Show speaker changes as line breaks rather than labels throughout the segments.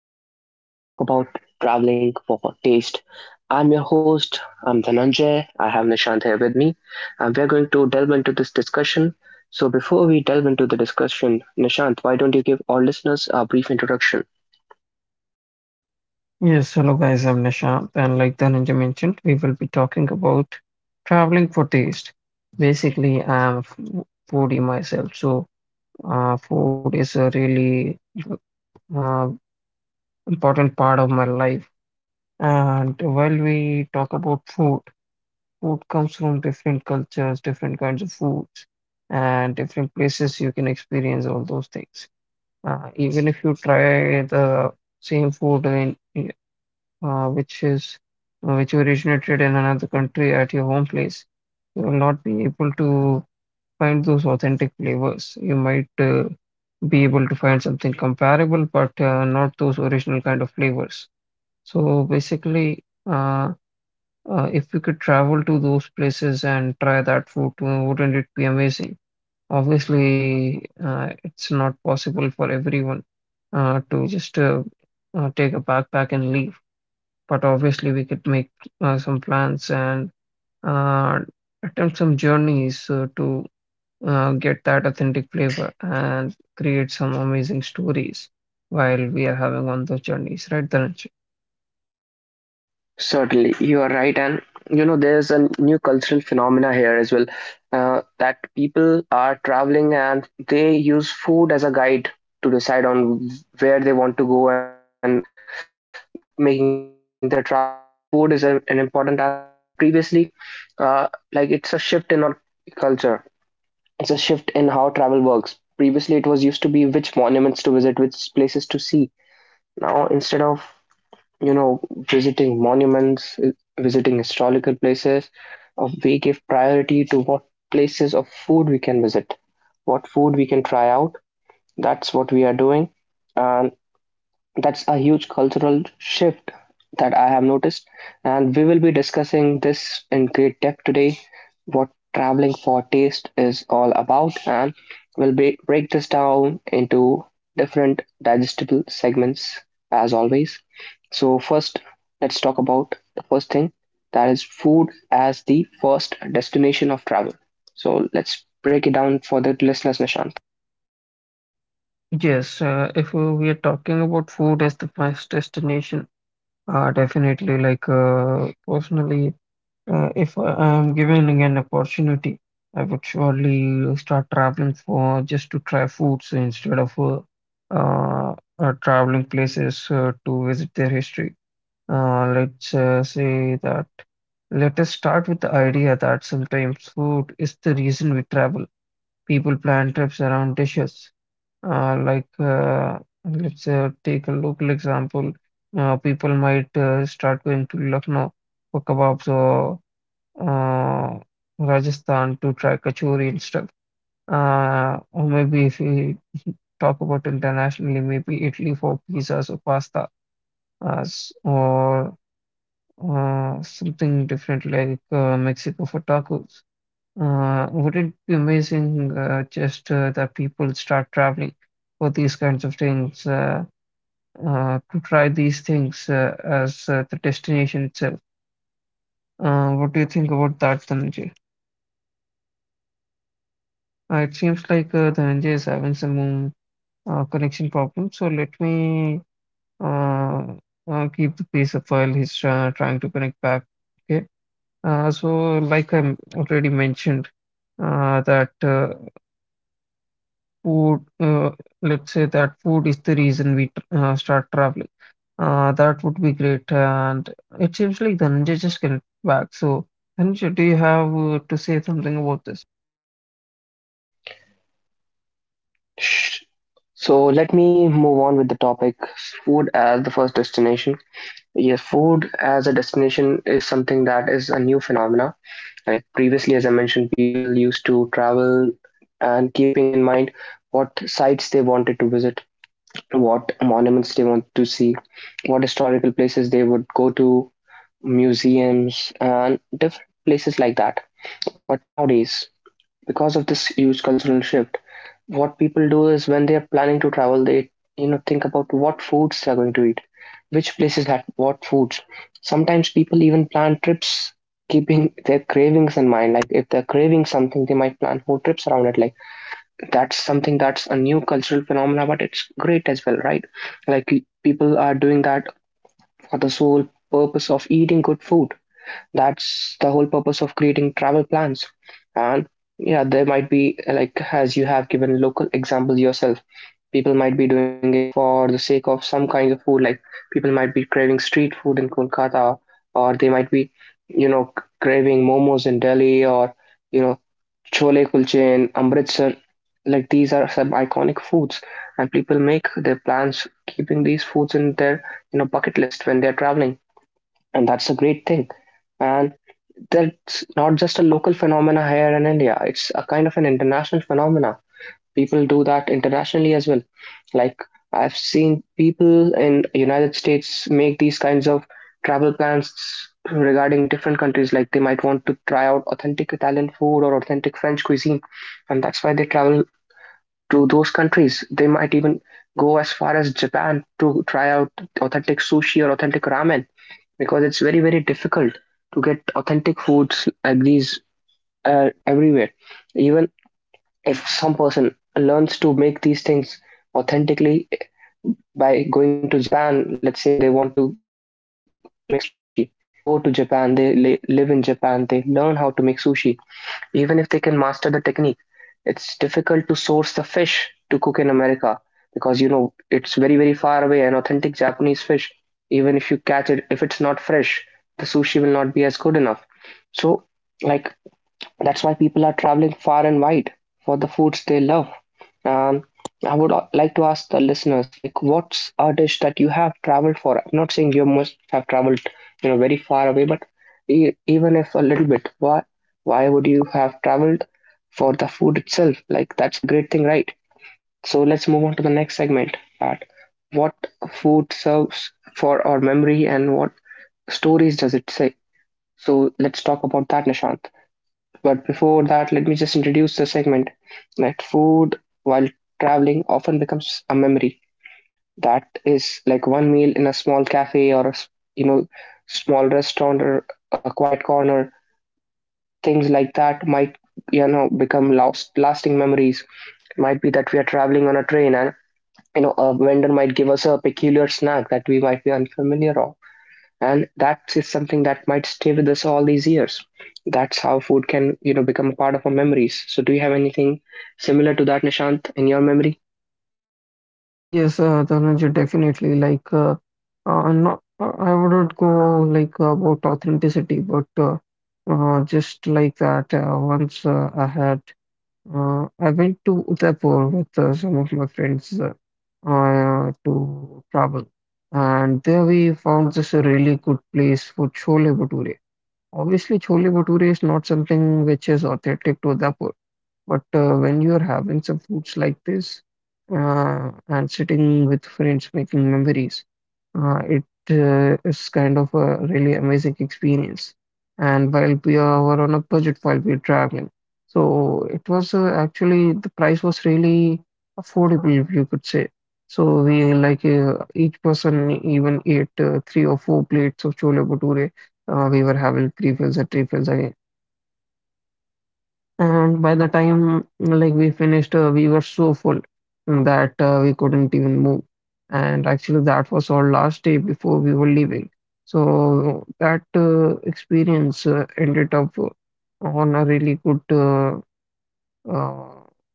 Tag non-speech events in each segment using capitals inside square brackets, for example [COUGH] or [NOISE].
Today we are going to talk about traveling for taste. I'm your host, I'm Dhananjay. I have Nishant here with me, and we are going to delve into this discussion. So, before we delve into the discussion, Nishant, why don't you give our listeners a brief introduction?
Yes, hello guys, I'm Nishant, and like Dhananjay mentioned, we will be talking about traveling for taste. Basically, I'm a foodie myself, so food is a really uh, important part of my life. And while we talk about food, food comes from different cultures, different kinds of foods, and different places you can experience all those things. Even if you try the same food in which is which originated in another country at your home place, you will not be able to find those authentic flavors. You might be able to find something comparable, but not those original kind of flavors. So basically, uh, if you could travel to those places and try that food, wouldn't it be amazing? Obviously, it's not possible for everyone to just take a backpack and leave, but obviously we could make some plans and uh, attempt some journeys to get that authentic flavor and create some amazing stories while we are having on those journeys, right, Dhananjay?
Certainly, you are right, and there's a new cultural phenomena here as well, that people are traveling and they use food as a guide to decide on where they want to go and when they are making their travel plan. Food is a, an important aspect. Like previously, like it's a shift in our culture. It's a shift in how travel works. Previously, it was used to be which monuments to visit, which places to see. Now, instead of, visiting monuments, visiting historical places, we give priority to what places of food we can visit, what food we can try out. That's what we are doing, and that's a huge cultural shift that I have noticed, and we will be discussing this in great depth today what traveling for taste is all about, and we'll be, break this down into different digestible segments as always. So, first, let's talk about the first thing that is food as the first destination of travel. So, let's break it down for the listeners, Nishant.
Yes, if we are talking about food as the first destination, definitely like personally. If I am given an opportunity, I would surely start traveling for just to try foods instead of traveling places to visit their history. Let's say that let us start with the idea that sometimes food is the reason we travel. People plan trips around dishes. Uh, like, uh, let's take a local example. People might start going to Lucknow for kebabs or uh, Rajasthan to try kachori and stuff. Or maybe if we [LAUGHS] talk about internationally, maybe Italy for pizzas or pasta, s- or something different like Mexico for tacos. Would it be amazing just that people start traveling for these kinds of things to try these things as the destination itself? What do you think about that, Dhananjay? It seems like Dhananjay is having some connection problem, so let me uh, keep the pace up while he's trying to connect back. Okay. So, like I already mentioned, that food, let's say that food is the reason we start traveling. That would be great. And it seems like Dhananjay just connect back. So, Dhananjay, do you have to say something about this?
Sh- So let me move on with the topic food as the first destination. Yes, food as a destination is something that is a new phenomena. Like previously, as I mentioned, people used to travel and keeping in mind what sites they wanted to visit, what monuments they want to see, what historical places they would go to, museums, and different places like that. But nowadays, because of this huge cultural shift, what people do is when they are planning to travel, they, think about what foods they are going to eat, which places had what foods. Sometimes people even plan trips keeping their cravings in mind. Like if they're craving something, they might plan whole trips around it. Like that's something that's a new cultural phenomena, but it's great as well, right? Like people are doing that for the sole purpose of eating good food, that's the whole purpose of creating travel plans. And yeah, there might be, like, as you have given local example yourself, people might be doing it for the sake of some kind of food. Like, people might be craving street food in Kolkata, or they might be, you know, craving momos in Delhi, or, you know, chole kulche in Amritsar. Like these are some iconic foods, and people make their plans keeping these foods in their, bucket list when they're traveling, and that's a great thing. And that's not just a local phenomena here in India. It's a kind of an international phenomena. People do that internationally as well. Like I've seen people in United States make these kinds of travel plans regarding different countries. Like they might want to try out authentic Italian food or authentic French cuisine, and that's why they travel to those countries. They might even go as far as Japan to try out authentic sushi or authentic ramen because it's very very difficult to get authentic foods like these, everywhere, even if some person learns to make these things authentically by going to Japan. Let's say they want to learn how to make sushi, they go to Japan, they live in Japan, they learn how to make sushi. Even if they can master the technique, it's difficult to source the fish to cook in America because you know it's very, very far away. An authentic Japanese fish, even if you catch it, if it's not fresh, the sushi will not be as good enough. So, like, that's why people are traveling far and wide for the foods they love. Um, I would like to ask the listeners, like, what's a dish that you have traveled for? I'm not saying you must have traveled, you know, very far away, but even if a little bit, why would you have traveled for the food itself? Like, that's a great thing, right? So let's move on to the next segment. At what food serves for our memory and what stories does it say? So let's talk about that, Nishant. But before that, let me just introduce the segment that food while traveling often becomes a memory. That is like one meal in a small cafe or you know, small restaurant or a quiet corner. Things like that might, become lasting memories. Might be that we are traveling on a train and you know a vendor might give us a peculiar snack that we might be unfamiliar of, and that is something that might stay with us all these years. That's how food can, become a part of our memories. So do you have anything similar to that, Nishant, in your memory?
Yes, Dhananjay, definitely. Like, not, I wouldn't go like about authenticity, but just like that. Once I went to Udaipur with some of my friends to travel, and there we found this a really good place for chole bhature. Obviously, chole bhature is not something which is authentic to Udaipur. But when you're having some foods like this and sitting with friends making memories, it is kind of a really amazing experience. And while we are were on a budget while we are traveling, so it was actually the price was really affordable, if you could say. So we like each person even ate three or four plates of chole bhature. We were having three fills at Three fills, I and by the time like we finished, we were so full that we couldn't even move. And actually, that was our last day before we were leaving. So that experience ended up on a really good uh,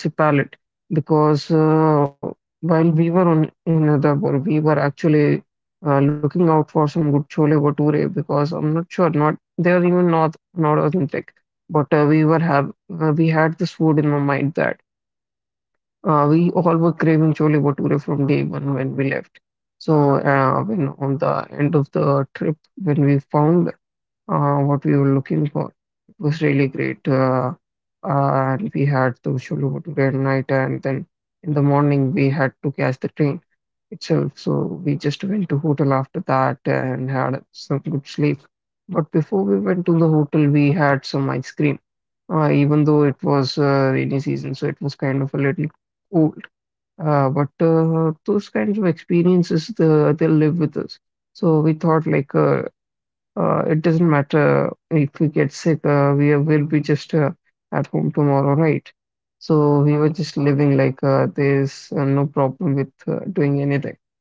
let's say palette, because while we were on in Udaipur, we were actually looking out for some good chole bhature because I'm not sure not they are even not authentic, but we were have we had this food in our mind that we all were craving chole bhature from day one when we left. So when on the end of the trip when we found what we were looking for. It was really great. And we had to Shulu today at night, and then in the morning we had to catch the train itself. So we just went to hotel after that and had some good sleep. But before we went to the hotel, we had some ice cream. Even though it was rainy season, so it was kind of a little cold. But those kinds of experiences, they live with us. So we thought like it doesn't matter if we get sick, we will be just at home tomorrow, right? So we were just living like there's no problem with doing anything.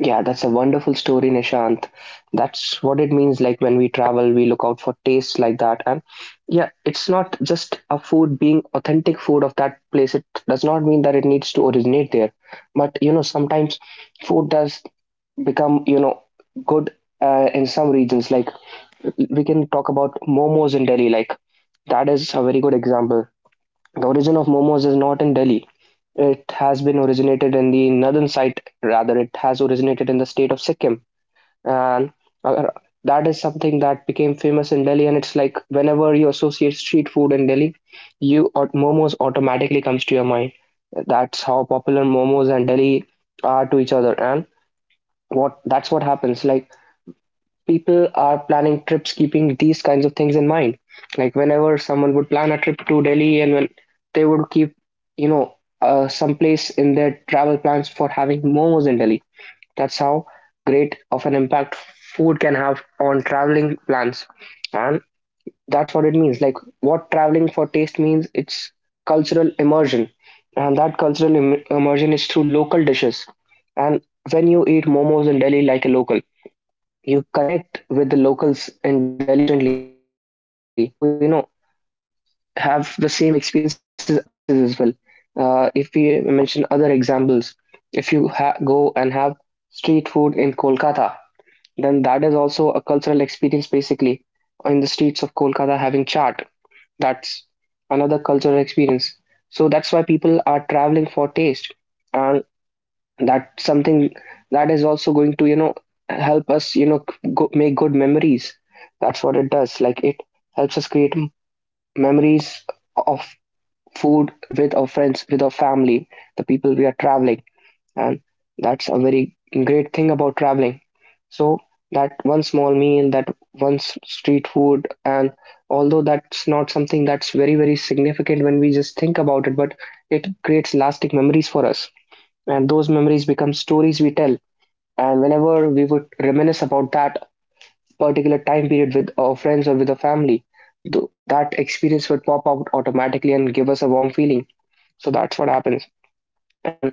Yeah, that's a wonderful story, Nishant. That's what it means, like when we travel we look out for tastes like that. And yeah, it's not just a food being authentic food of that place, it does not mean that it needs to originate there. But you know, sometimes food does become, good, in some regions. Like we can talk about momos in Delhi. Like that is a very good example. The origin of momos is not in Delhi. It has been originated in the northern side, rather it has originated in the state of Sikkim, and uh, that is something that became famous in Delhi. And it's like whenever you associate street food in Delhi, you momos automatically comes to your mind. That's how popular momos and Delhi are to each other, and what that's what happens. Like people are planning trips keeping these kinds of things in mind. Like whenever someone would plan a trip to Delhi and when they would keep, you know, some place in their travel plans for having momos in Delhi. That's how great of an impact food can have on traveling plans. And that's what it means. Like what traveling for taste means, it's cultural immersion. And that cultural immersion is through local dishes. And when you eat momos in Delhi like a local, you connect with the locals in Delhi instantly, and you also, you know, have the same experiences other places as well. If we mention other examples, if you go and have street food in Kolkata, then that is also a cultural experience basically. In the streets of Kolkata, having chaat, that's another cultural experience. So that's why people are traveling for taste. And that's something that is also going to, help us, go, make good memories. That's what it does, like it helps us create memories of food with our friends, with our family, the people we are traveling. And that's a very great thing about traveling. So that one small meal, that one street food, and although that's not something that's very very significant when we just think about it, but it creates lasting memories for us, and those memories become stories we tell. And whenever we would reminisce about that particular time period with our friends or with our family, that experience would pop out automatically and give us a warm feeling. So that's what happens. And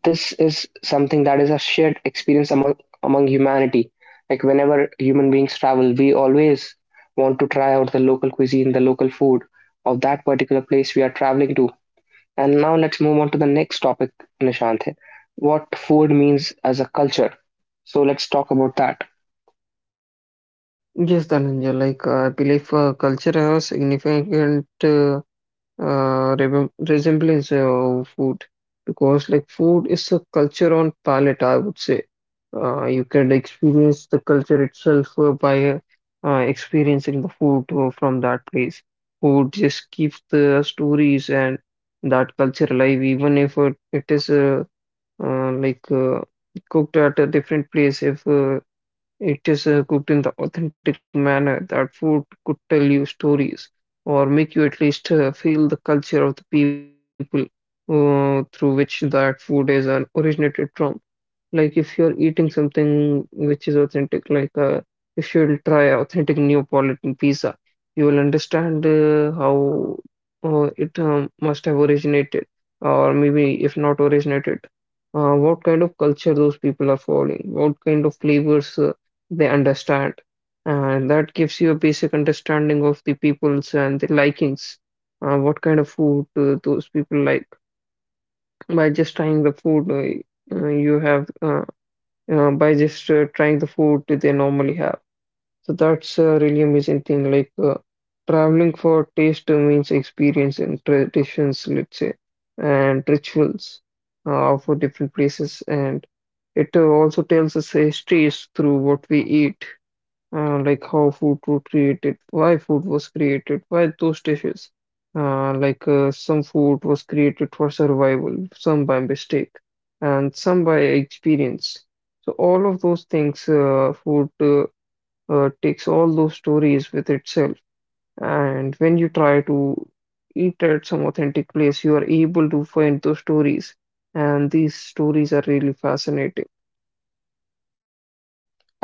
this is something that is a shared experience among humanity. Like whenever human beings travel, we always want to try out the local cuisine, the local food of that particular place we are traveling to. And now let's move on to the next topic, Nishant. What food means as a culture. So let's talk about that.
Yes, Dhananjay, like I believe culture have a significant re resemblance of food because like food is a culture on palate, I would say. You can experience the culture itself by experiencing the food from that place. Food just keeps the stories and that culture alive, even if it is uh, like uh, cooked at a different place. If it is cooked in the authentic manner, that food could tell you stories or make you at least feel the culture of the people through which that food is originated from. Like if you're eating something which is authentic, like if you'll try authentic Neapolitan pizza, you will understand how it must have originated, or maybe if not originated, what kind of culture those people are following, what kind of flavors they understand, and that gives you a basic understanding of the peoples and the likings, what kind of food those people like by just trying the food you have by just trying the food that they normally have. So that's a really amazing thing. Like traveling for taste means experience and traditions, let's say, and rituals for different places. And it also tells us histories through what we eat, like how food was created, why food was created, why those dishes. Some food was created for survival, some by mistake, and some by experience. So all of those things, food takes all those stories with itself. And when you try to eat at some authentic place, you are able to find those stories, and these stories are really fascinating.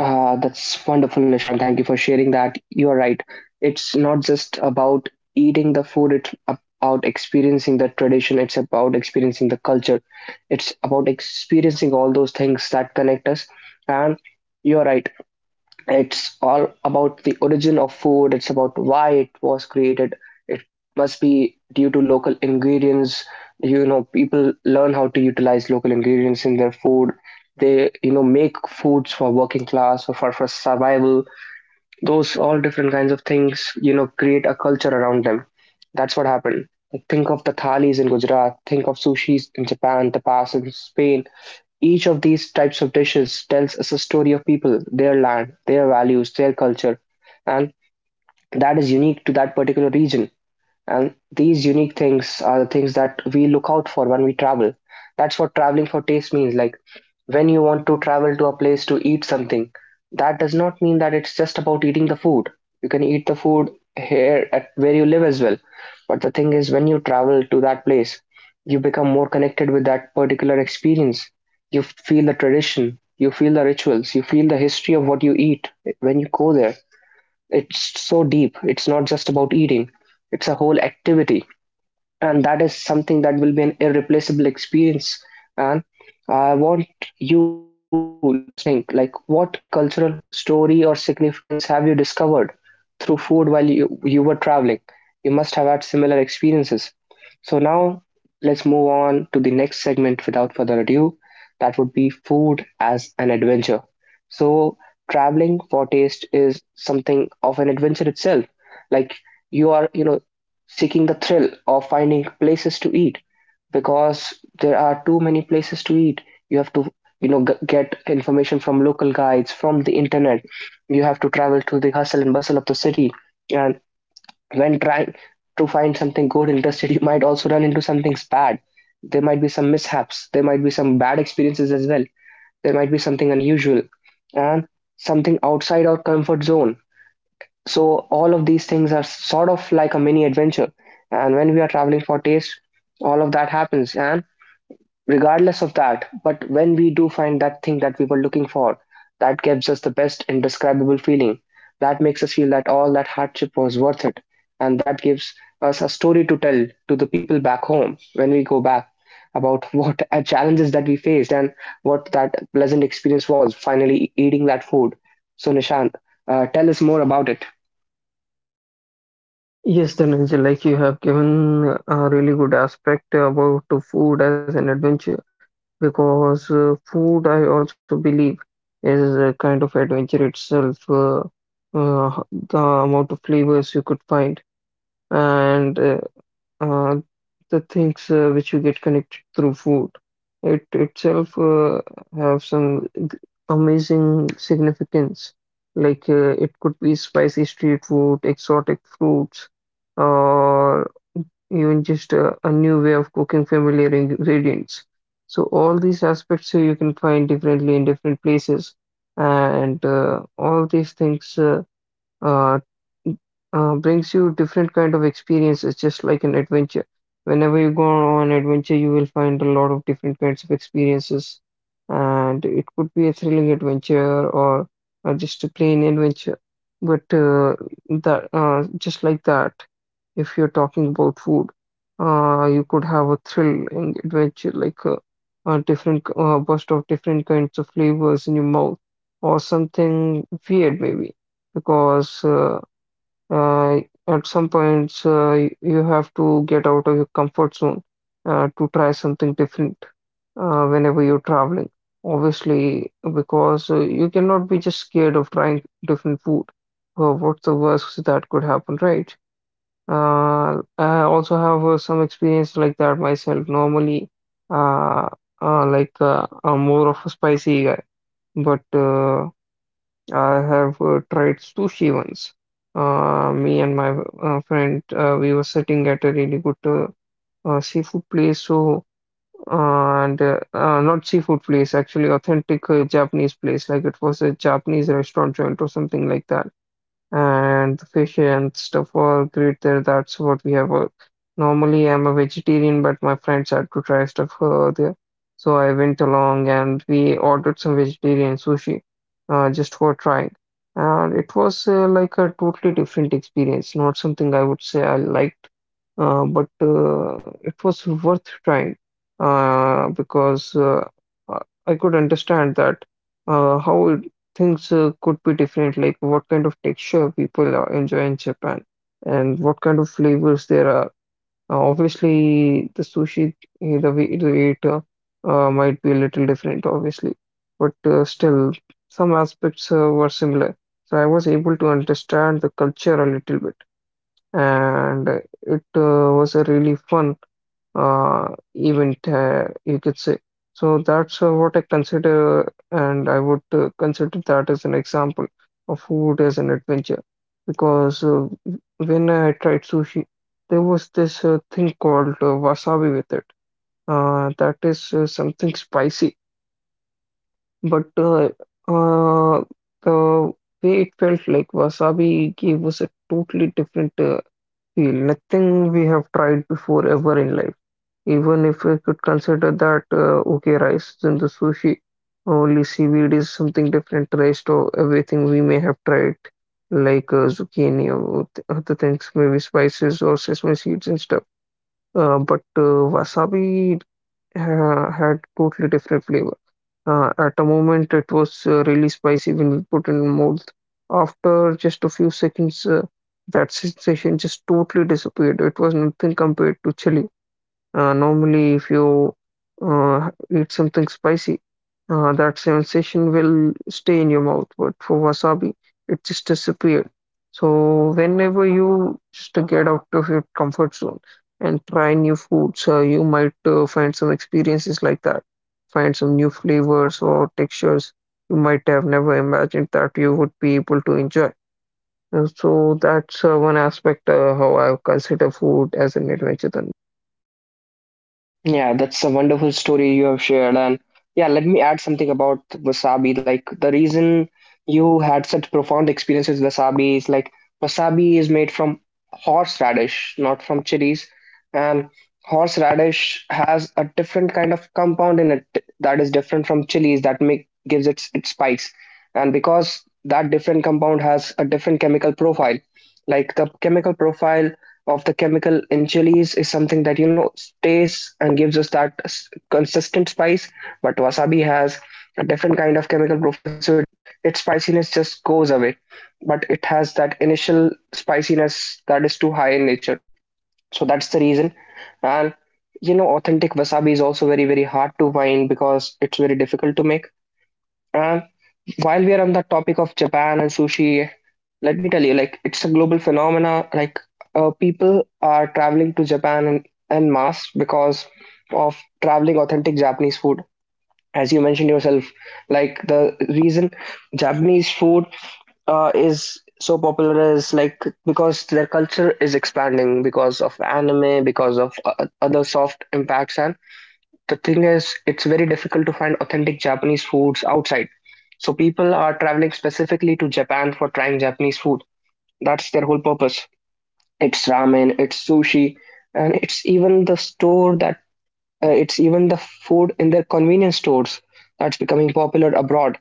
Ah, that's wonderful, Nishan. Thank you for sharing that. You're right. It's not just about eating the food, it's about experiencing the tradition, it's about experiencing the culture, it's about experiencing all those things that connect us. And you're right, it's all about the origin of food, it's about why it was created. It must be due to local ingredients. You know, people learn how to utilize local ingredients in their food. They, you know, make foods for working class or for survival, those all different kinds of things, you know, create a culture around them. That's what happened. Like, think of the thalis in Gujarat, think of sushis in Japan, tapas in Spain. Each of these types of dishes tells us a story of people, their land, their values, their culture, and that is unique to that particular region. And these unique things are the things that we look out for when we travel. That's what traveling for taste means. Like when you want to travel to a place to eat something, that does not mean that it's just about eating the food. You can eat the food here at where you live as well. But the thing is, when you travel to that place, you become more connected with that particular experience. You feel the tradition, you feel the rituals, you feel the history of what you eat when you go there. It's so deep, it's not just about eating, it's a whole activity, and that is something that will be an irreplaceable experience. And I want you listeners to think, like what cultural story or significance have you discovered through food while you were traveling? You must have had similar experiences. So now let's move on to the next segment without further ado. That would be food as an adventure. So traveling for taste is something of an adventure itself. Like, you are, you know, seeking the thrill of finding places to eat, because there are too many places to eat. You have to, you know, get information from local guides, from the internet. You have to travel to the hustle and bustle of the city. And when trying to find something good, interested, you might also run into something bad. There might be some mishaps. There might be some bad experiences as well. There might be something unusual and something outside our comfort zone. So all of these things are sort of like a mini adventure. And when we are traveling for taste, all of that happens. And regardless of that, but when we do find that thing that we were looking for, that gives us the best indescribable feeling. That makes us feel that all that hardship was worth it. And that gives us a story to tell to the people back home when we go back about [LAUGHS] what challenges that we faced and what that pleasant experience was finally eating that food. So Nishant, tell us more about it.
Yes, Dhananjay, like you have given a really good aspect about the food as an adventure because food, I also believe, is a kind of adventure itself. The amount of flavors you could find and uh, the things which you get connected through food. It itself have some g- amazing significance. Like it could be spicy street food, exotic fruits, or even just a new way of cooking familiar ingredients. So all these aspects you can find differently in different places, and all these things. Uh, Brings you different kind of experiences, just like an adventure. Whenever you go on adventure, you will find a lot of different kinds of experiences, and it could be a thrilling adventure or just a plain adventure. But that Just like that. If you're talking about food, you could have a thrilling adventure like a different burst of different kinds of flavors in your mouth, or something weird maybe, because uh, at some points you have to get out of your comfort zone to try something different whenever you're traveling. Obviously, because you cannot be just scared of trying different food. Well, what's the worst that could happen, right? I also have some experience like that myself. Normally, uh, I'm more of a spicy guy, but I have tried sushi once. Me and my friend, we were sitting at a really good seafood place. So, and not seafood place, actually authentic Japanese place. Like it was a Japanese restaurant joint or something like that, and the fish and stuff are great there. That's what we have. Normally, I'm a vegetarian, but my friends had to try stuff there. So I went along and we ordered some vegetarian sushi just for trying. And it was like a totally different experience, not something I would say I liked, but it was worth trying because I could understand that how things could be different, like what kind of texture people enjoy in Japan and what kind of flavors there are. Obviously, the sushi, the way to eat might be a little different, obviously, but still, some aspects were similar. So I was able to understand the culture a little bit, and it was a really fun uh, event, you could say. So that's what I consider, and I would consider that as an example of food as an adventure. Because when I tried sushi, there was this thing called wasabi with it. That is something spicy, but uh, the way it felt like wasabi gave us a totally different feel. Nothing we have tried before ever in life. Even if we could consider that, okay, rice is in the sushi, only seaweed is something different, rice to everything we may have tried, like zucchini or other things, maybe spices or sesame seeds and stuff. But wasabi had totally different flavor. At a moment, it was really spicy when we put in mouth. After just a few seconds, that sensation just totally disappeared. It was nothing compared to chili. Normally, if you uh, eat something spicy, that sensation will stay in your mouth. But for wasabi, it just disappeared. So whenever you just get out of your comfort zone and try new foods, you might find some experiences like that. Find some new flavors or textures you might have never imagined that you would be able to enjoy. And so that's one aspect how I consider food as an adventure. Then.
Yeah, that's a wonderful story you have shared. And yeah, let me add something about wasabi. Like, the reason you had such profound experience with wasabi is, like, wasabi is made from horseradish, not from chilies. And horseradish has a different kind of compound in it that is different from chilies that make gives it its spice. And because that different compound has a different chemical profile, like the chemical profile of the chemical in chilies is something that, you know, stays and gives us that consistent spice, but wasabi has a different kind of chemical profile, so it, its spiciness just goes away, but it has that initial spiciness that is too high in nature. So that's the reason. And you know, authentic wasabi is also very, very hard to find because it's very difficult to make. And while we are on the topic of Japan and sushi, let me tell you, like, it's a global phenomena. Like, people are traveling to Japan en mass because of traveling authentic Japanese food. As you mentioned yourself, like, the reason Japanese food is so popular is, like, because their culture is expanding because of anime, because of other soft impacts, and the thing is, it's very difficult to find authentic Japanese foods outside, so people are traveling specifically to Japan for trying Japanese food. That's their whole purpose. It's ramen, it's sushi, and it's even the store that it's even the food in their convenience stores that's becoming popular abroad.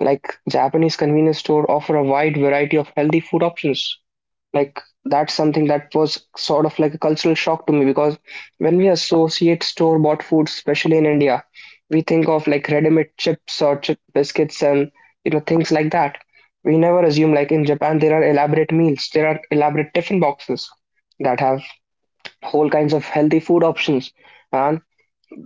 Like, Japanese convenience store offer a wide variety of healthy food options. Like, that's something that was sort of like a cultural shock to me, because when we associate store bought food, especially in India, we think of like ready-made chips or chip biscuits and, you know, things like that. We never assume, like, in Japan there are elaborate meals, there are elaborate tiffin boxes that have whole kinds of healthy food options, and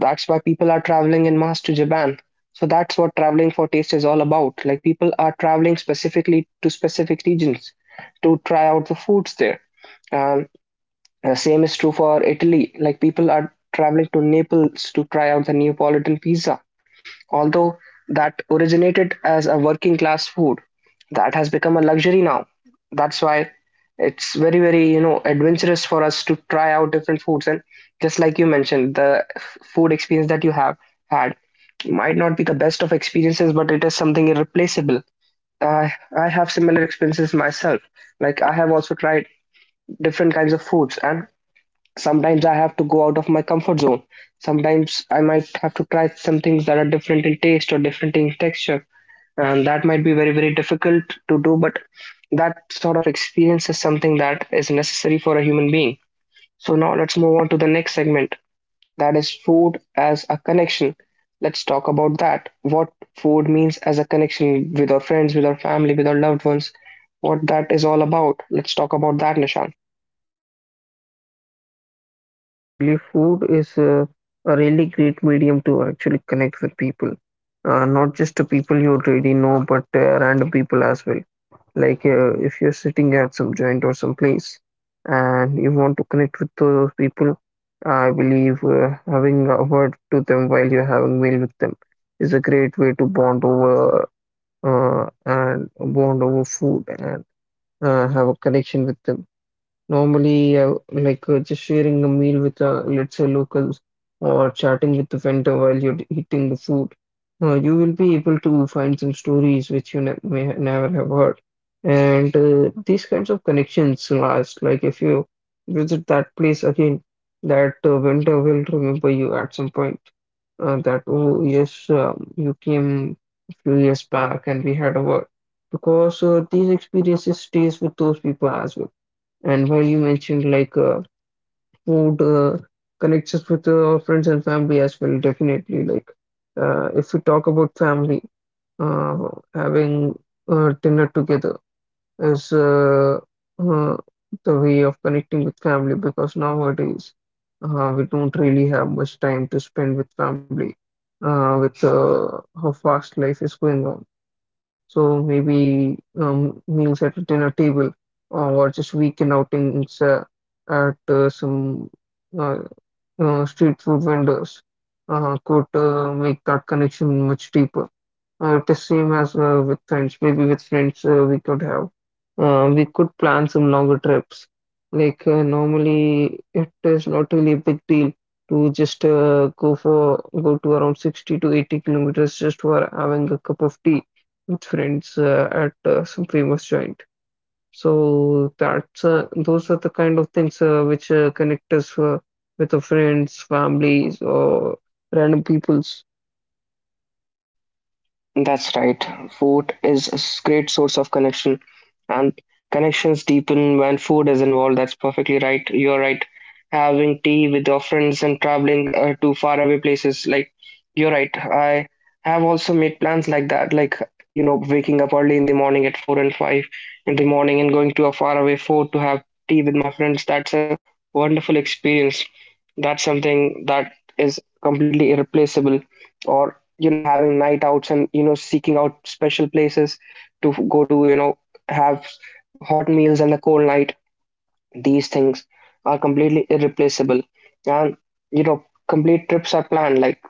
that's why people are traveling in mass to Japan. So that's what traveling for taste is all about. Like, people are traveling specifically to specific regions to try out the foods there. And same is true for Italy. Like, people are traveling to Naples to try out the Neapolitan pizza. Although that originated as a working class food, that has become a luxury now. That's why it's very, very, you know, adventurous for us to try out different foods. And just like you mentioned, the food experience that you have had might not be the best of experiences, but it is something irreplaceable. I have similar experiences myself. Like, I have also tried different kinds of foods, and sometimes I have to go out of my comfort zone. Sometimes I might have to try some things that are different in taste or different in texture. And that might be very, very difficult to do, but that sort of experience is something that is necessary for a human being. So now let's move on to the next segment that is food as a connection. Let's talk about that. What food means as a connection with our friends, with our family, with our loved ones, what that is all about. Let's talk about that, Nishan.
Yes, Dhananjay, I believe food is a really great medium to actually connect with people. Not just to people you already know, but random people as well. Like if you're sitting at some joint or some place and you want to connect with those people, I believe having a word to them while you're having meal with them is a great way to bond over and bond over food and have a connection with them. Normally, like just sharing a meal with, let's say, locals or chatting with the vendor while you're eating the food. You will be able to find some stories which you ne may never have heard. And these kinds of connections last. Like if you visit that place again, that vendor will remember you at some point. That, oh, yes, you came a few years back and we had a word. Because these experiences stays with those people as well. And while you mentioned like food connects us with our friends and family as well, definitely. Like if we talk about family, having dinner together is uh, the way of connecting with family because nowadays we don't really have much time to spend with family with how fast life is going on. So maybe meals at a dinner table or just weekend outings at some uh, street food vendors could make that connection much deeper. The same as with friends. Maybe with friends we could we could plan some longer trips. Like normally, it is not really a big deal to just go to around 60 to 80 kilometers just for having a cup of tea with friends at some famous joint. So that's those are the kind of things which connect us with our friends, families, or random people.
That's right. Food is a great source of connection, and connections deepen when food is involved. That's perfectly right. You're right. Having tea with your friends and traveling to faraway places, like, you're right. I have also made plans like that, like, you know, waking up early in the morning at four and five in the morning and going to a faraway fort to have tea with my friends. That's a wonderful experience. That's something that is completely irreplaceable, or, you know, having night outs and, you know, seeking out special places to go to, you know, have hot meals and a cold night. These things are completely irreplaceable. And, you know, complete trips are planned, like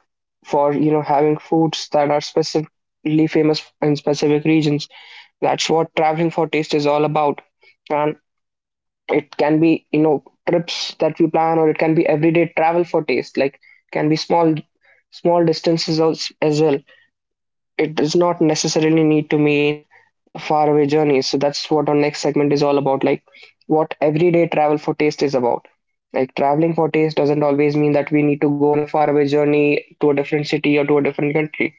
for, you know, having foods that are specifically famous in specific regions. That's what traveling for taste is all about. And it can be, you know, trips that we plan, or it can be everyday travel for taste, like can be small small distances as well. It does not necessarily need to mean a faraway journey. So that's what our next segment is all about, like what everyday travel for taste is about. Like, traveling for taste doesn't always mean that we need to go on a faraway journey to a different city or to a different country.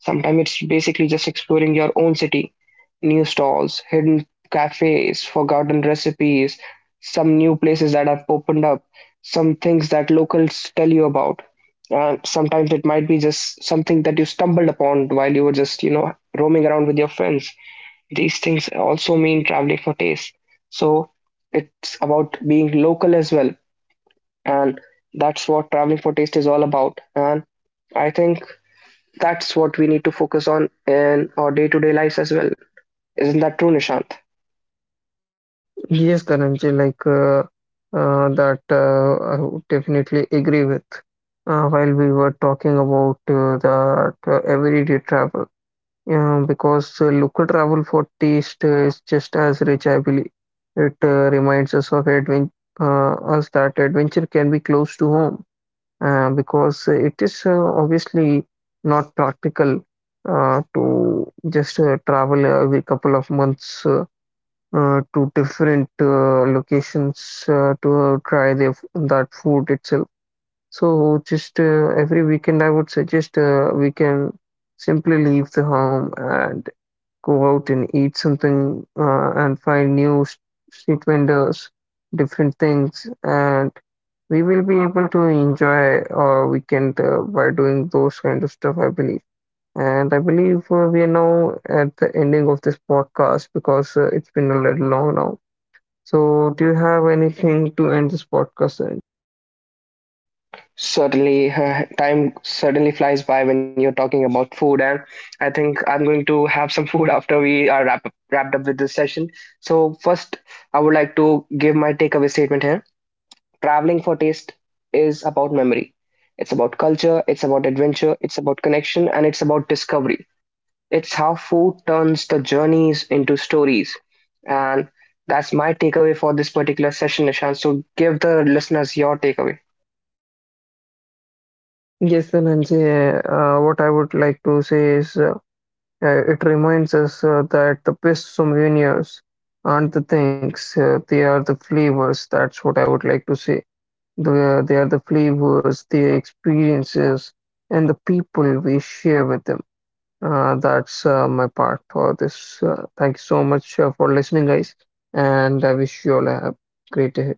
Sometimes it's basically just exploring your own city, new stalls, hidden cafes, forgotten recipes, some new places that have opened up, some things that locals tell you about. And sometimes it might be just something that you stumbled upon while you were just, you know, roaming around with your friends. These things also mean traveling for taste. So it's about being local as well. And that's what traveling for taste is all about. And I think that's what we need to focus on in our day to day lives as well. Isn't that true, Nishant?
Yes, Dhananjay, like that I would definitely agree with. While we were talking about that everyday travel, yeah, because local travel for taste is just as rich, I believe. It reminds us that adventure can be close to home, because it is obviously not practical to just travel every couple of months. To different locations to try that food itself. So just every weekend, I would suggest we can simply leave the home and go out and eat something and find street vendors, different things, and we will be able to enjoy our weekend by doing those kind of stuff, I believe. And I believe we are now at the ending of this podcast because it's been a little long now. So, do you have anything to end this podcast? In?
Certainly, time certainly flies by when you're talking about food, and I think I'm going to have some [LAUGHS] food after we are wrap up, wrapped up with this session. So, first, I would like to give my takeaway statement here. Traveling for taste is about memory, it's about culture, it's about adventure, it's about connection, and it's about discovery. It's how food turns the journeys into stories. And that's my takeaway for this particular session, Ishan. So give the listeners your takeaway.
Yes, Dhananjay, what I would like to say is it reminds us that the best souvenirs aren't the things, they are the flavors. That's what I would like to say. They are the flavors, the experiences, and the people we share with them. That's my part for this. Thank you so much for listening, guys, and I wish you all a great day.